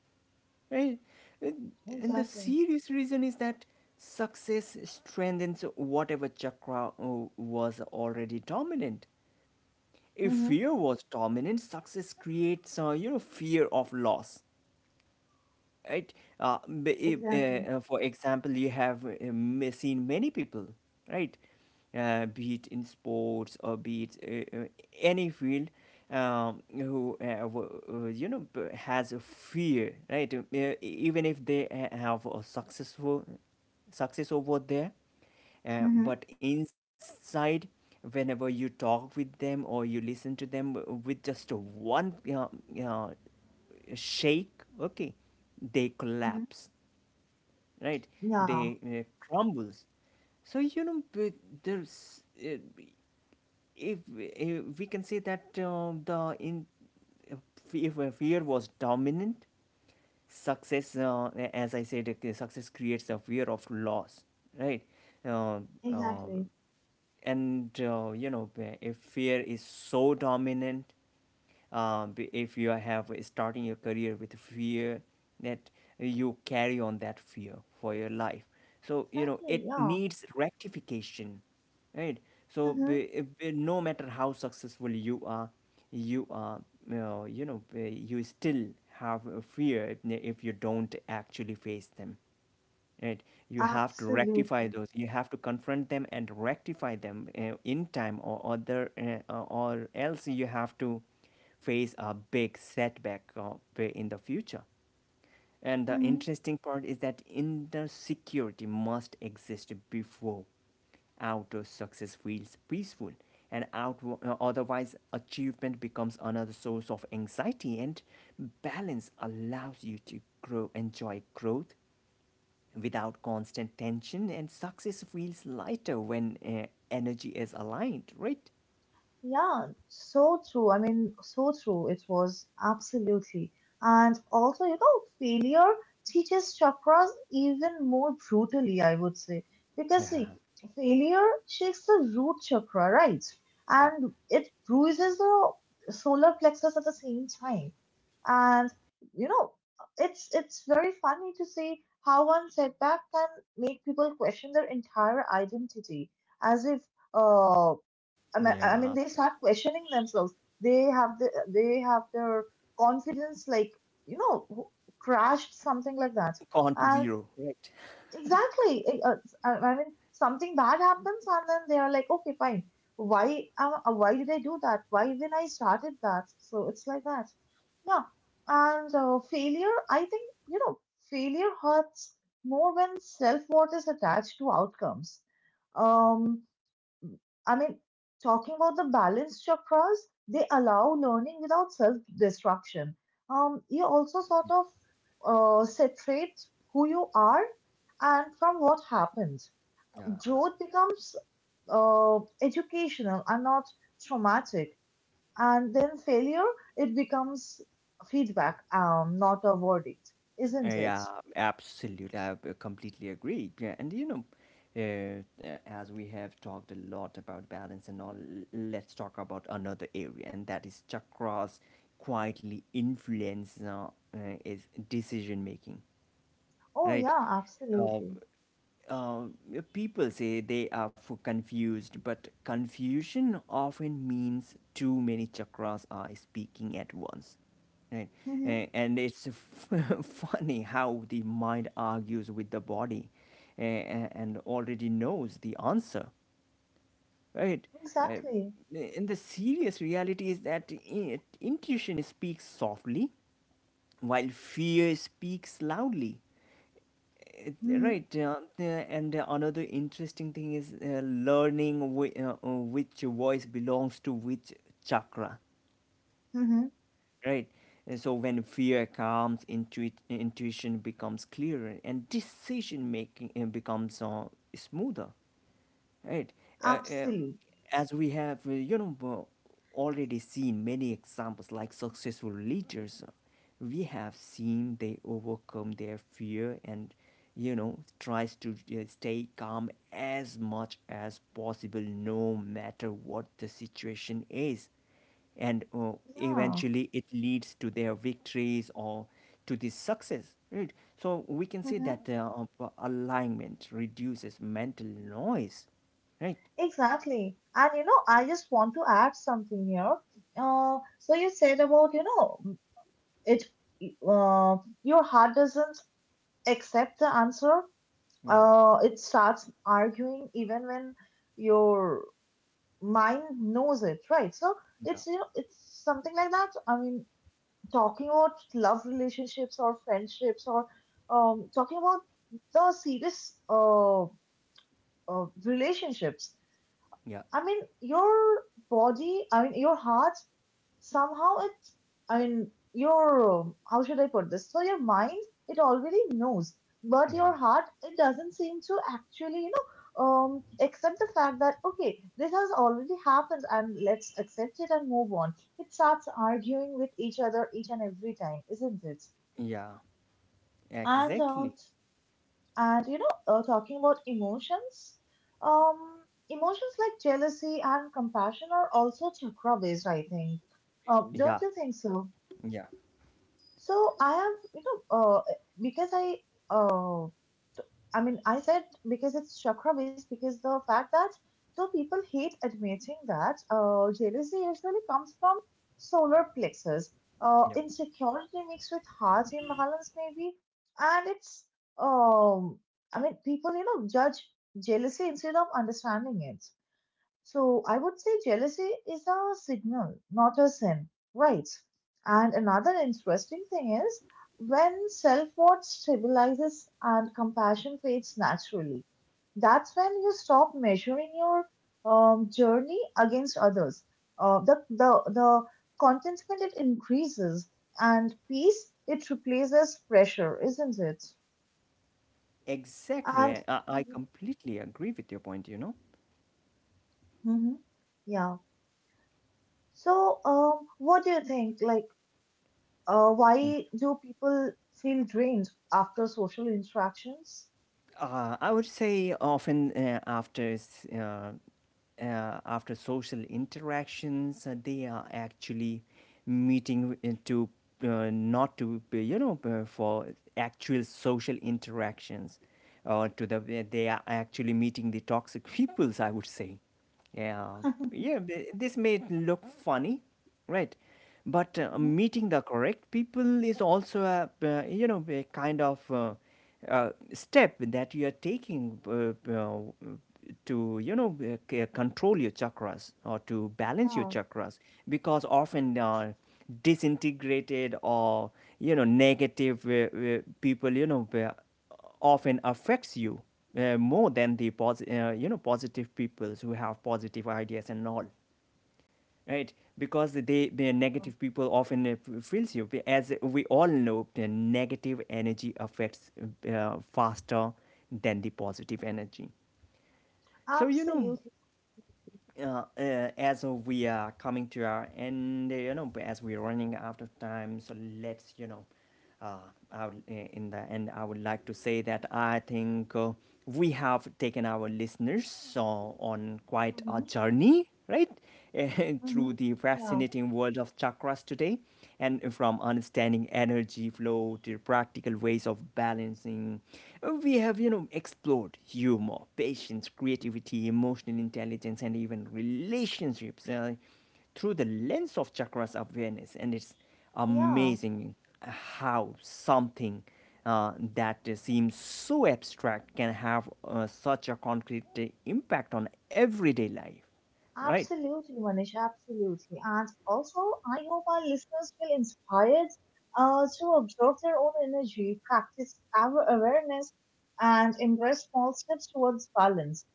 right? And and the Exactly. serious reason is that success strengthens whatever chakra was already dominant. If Hmm. fear was dominant, success creates you know, fear of loss, right? Exactly. For example, you have seen many people, right? Be it in sports, or be it any field, who you know, has a fear, right? Even if they have a success over there, Hmm. but inside. Whenever you talk with them, or you listen to them with just a one uh, shake, okay, they Hmm. collapse, right? Yeah, They crumbles. So you know, there's, uh, if, if we can say that, the in uh, if fear was dominant, success, as I said, success creates a fear of loss, right. uh, uh, exactly. and you know, if fear is so dominant, if you have starting your career with fear, that you carry on that fear for your life, so you know, Exactly, it yeah. needs rectification, right. So Hmm. No matter how successful you are, you are you know, you still have a fear, if you don't actually face them, right. You have to rectify Absolutely. those, you have to confront them and rectify them in time, or other, or else you have to face a big setback in the future. And the Mm-hmm. interesting part is that inner security must exist before outer success feels peaceful, and otherwise, achievement becomes another source of anxiety. And balance allows you to grow, enjoy growth without constant tension, and success feels lighter when energy is aligned, right? Yeah, so true. I mean, so true. It was absolutely. And also, you know, failure teaches chakras even more brutally, I would say. Yeah, Because, see, failure shakes the root chakra, right? yeah, And it bruises the solar plexus at the same time. And, you know, it's very funny to see how one setback can make people question their entire identity, as if uh I mean, I yeah. mean, they start questioning themselves. They have they have their confidence like you know crashed something like that. Count to And zero, right? exactly, I mean, something bad happens, and then they are like, okay, fine. Why did I do that? Why when I started that? So it's like that. Yeah. And failure, I think you know, failure hurts more when self worth is attached to outcomes. Um, I mean, talking about the balanced chakras, they allow learning without self destruction. You also sort of separate who you are and from what happened. Yeah. Growth becomes educational and not traumatic. And then failure, it becomes feedback, not a verdict, isn't it? Yeah, absolutely. I completely agree. Yeah, and you know, uh, as we have talked a lot about balance and all, let's talk about another area, and that is chakras quietly influence is decision making, Oh, right? yeah, Uh, absolutely. uh, People say they are for confused, but confusion often means too many chakras are speaking at once, right? Hmm. And it's funny how the mind argues with the body, a- and already knows the answer, right? Uh, Exactly. and the serious reality is that intuition speaks softly while fear speaks loudly. Uh, Hmm. Right. And another interesting thing is learning which voice belongs to which chakra. Hmm. Right. And so when fear calms, intuition becomes clearer, and decision making becomes smoother, right. uh, uh, Absolutely. as we have you know, already seen many examples, like successful leaders, we have seen they overcome their fear, and you know, tries to stay calm as much as possible, no matter what the situation is. And Yeah. eventually it leads to their victories, or to the success, right. So we can say that Mm-hmm. Alignment reduces mental noise, right. Exactly. And you know, I just want to add something here. So you said about, you know, it, uh, your heart doesn't accept the answer. Yeah, It starts arguing even when your mind knows it, right? So it's, you yeah, know, it's something like that. I mean, talking about love relationships or friendships or talking about the serious relationships, yeah, I mean, your body, I mean, your heart, somehow it, I mean, your, how should I put this? So your mind, it already knows, but your yeah, heart, it doesn't seem to actually, you know, accept the fact that, okay, this has already happened and let's accept it and move on. It starts arguing with each other each and every time, isn't it? yeah, And uh, exactly. and you know, talking about emotions, um, emotions like jealousy and compassion are also chakra based, I think. Yeah, Don't you think so? yeah, So I have, you know, because I, uh. I mean, I said because it's chakra based because the fact that though people hate admitting that jealousy usually comes from solar plexus, yeah, insecurity mixed with heart imbalance maybe, and it's um, I mean, people you know judge jealousy instead of understanding it. So I would say jealousy is a signal, not a sin, right? And another interesting thing is when self-worth stabilizes and compassion fades naturally, that's when you stop measuring your journey against others. The contentment it increases and peace it replaces pressure, isn't it? exactly. And I Mhm. completely agree with your point, you know. Mhm. Yeah. So, what do you think? Like, Mm. why do people feel drained after social interactions? I would say often, after social interactions, they are actually meeting into, not to, you know, for actual social interactions, or to the they are actually meeting the toxic peoples, I would say. Yeah, yeah. This may look funny, right? But Mhm. meeting the correct people is also you know, a kind of uh, step that you are taking, to, you know, control your chakras, or to balance your Yeah, chakras, because often disintegrated, or, you know, negative people, you know, often affects you, more than the you know, positive people who have positive ideas and all, right. Because the uh, negative people often feels you. As we all know, the negative energy affects faster than the positive energy. So you know, absolutely. As we are coming to our end, you know, as we're running out of time, so let's, you know, Uh, I would, in the end, I would like to say that I think we have taken our listeners on quite a Mhm. journey, right? Hmm. Through the Yeah, fascinating world of chakras today, and from understanding energy flow to practical ways of balancing, we have, you know, explored humor, patience, creativity, emotional intelligence, and even relationships. Through the lens of chakras awareness. And it's yeah. amazing how something that seems so abstract can have such a concrete impact on everyday life, right. Absolutely, Manish, absolutely. And also, I hope our listeners feel inspired to observe their own energy, practice our awareness, and embrace small steps towards balance.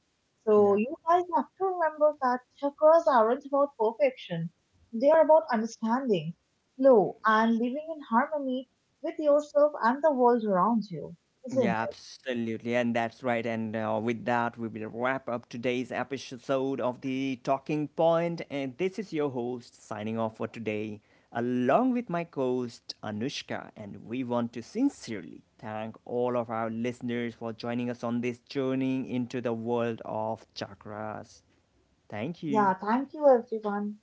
So, Yeah. you guys have to remember that chakras aren't about perfection, they are about understanding, flow, and living in harmony with yourself and the world around you, isn't Yeah, it? absolutely. And that's right. And with that, we will wrap up today's episode of The Talking Point. And this is your host signing off for today, along with my co host Anushka. And we want to sincerely thank all of our listeners for joining us on this journey into the world of chakras. Thank Yeah, you. thank you, everyone.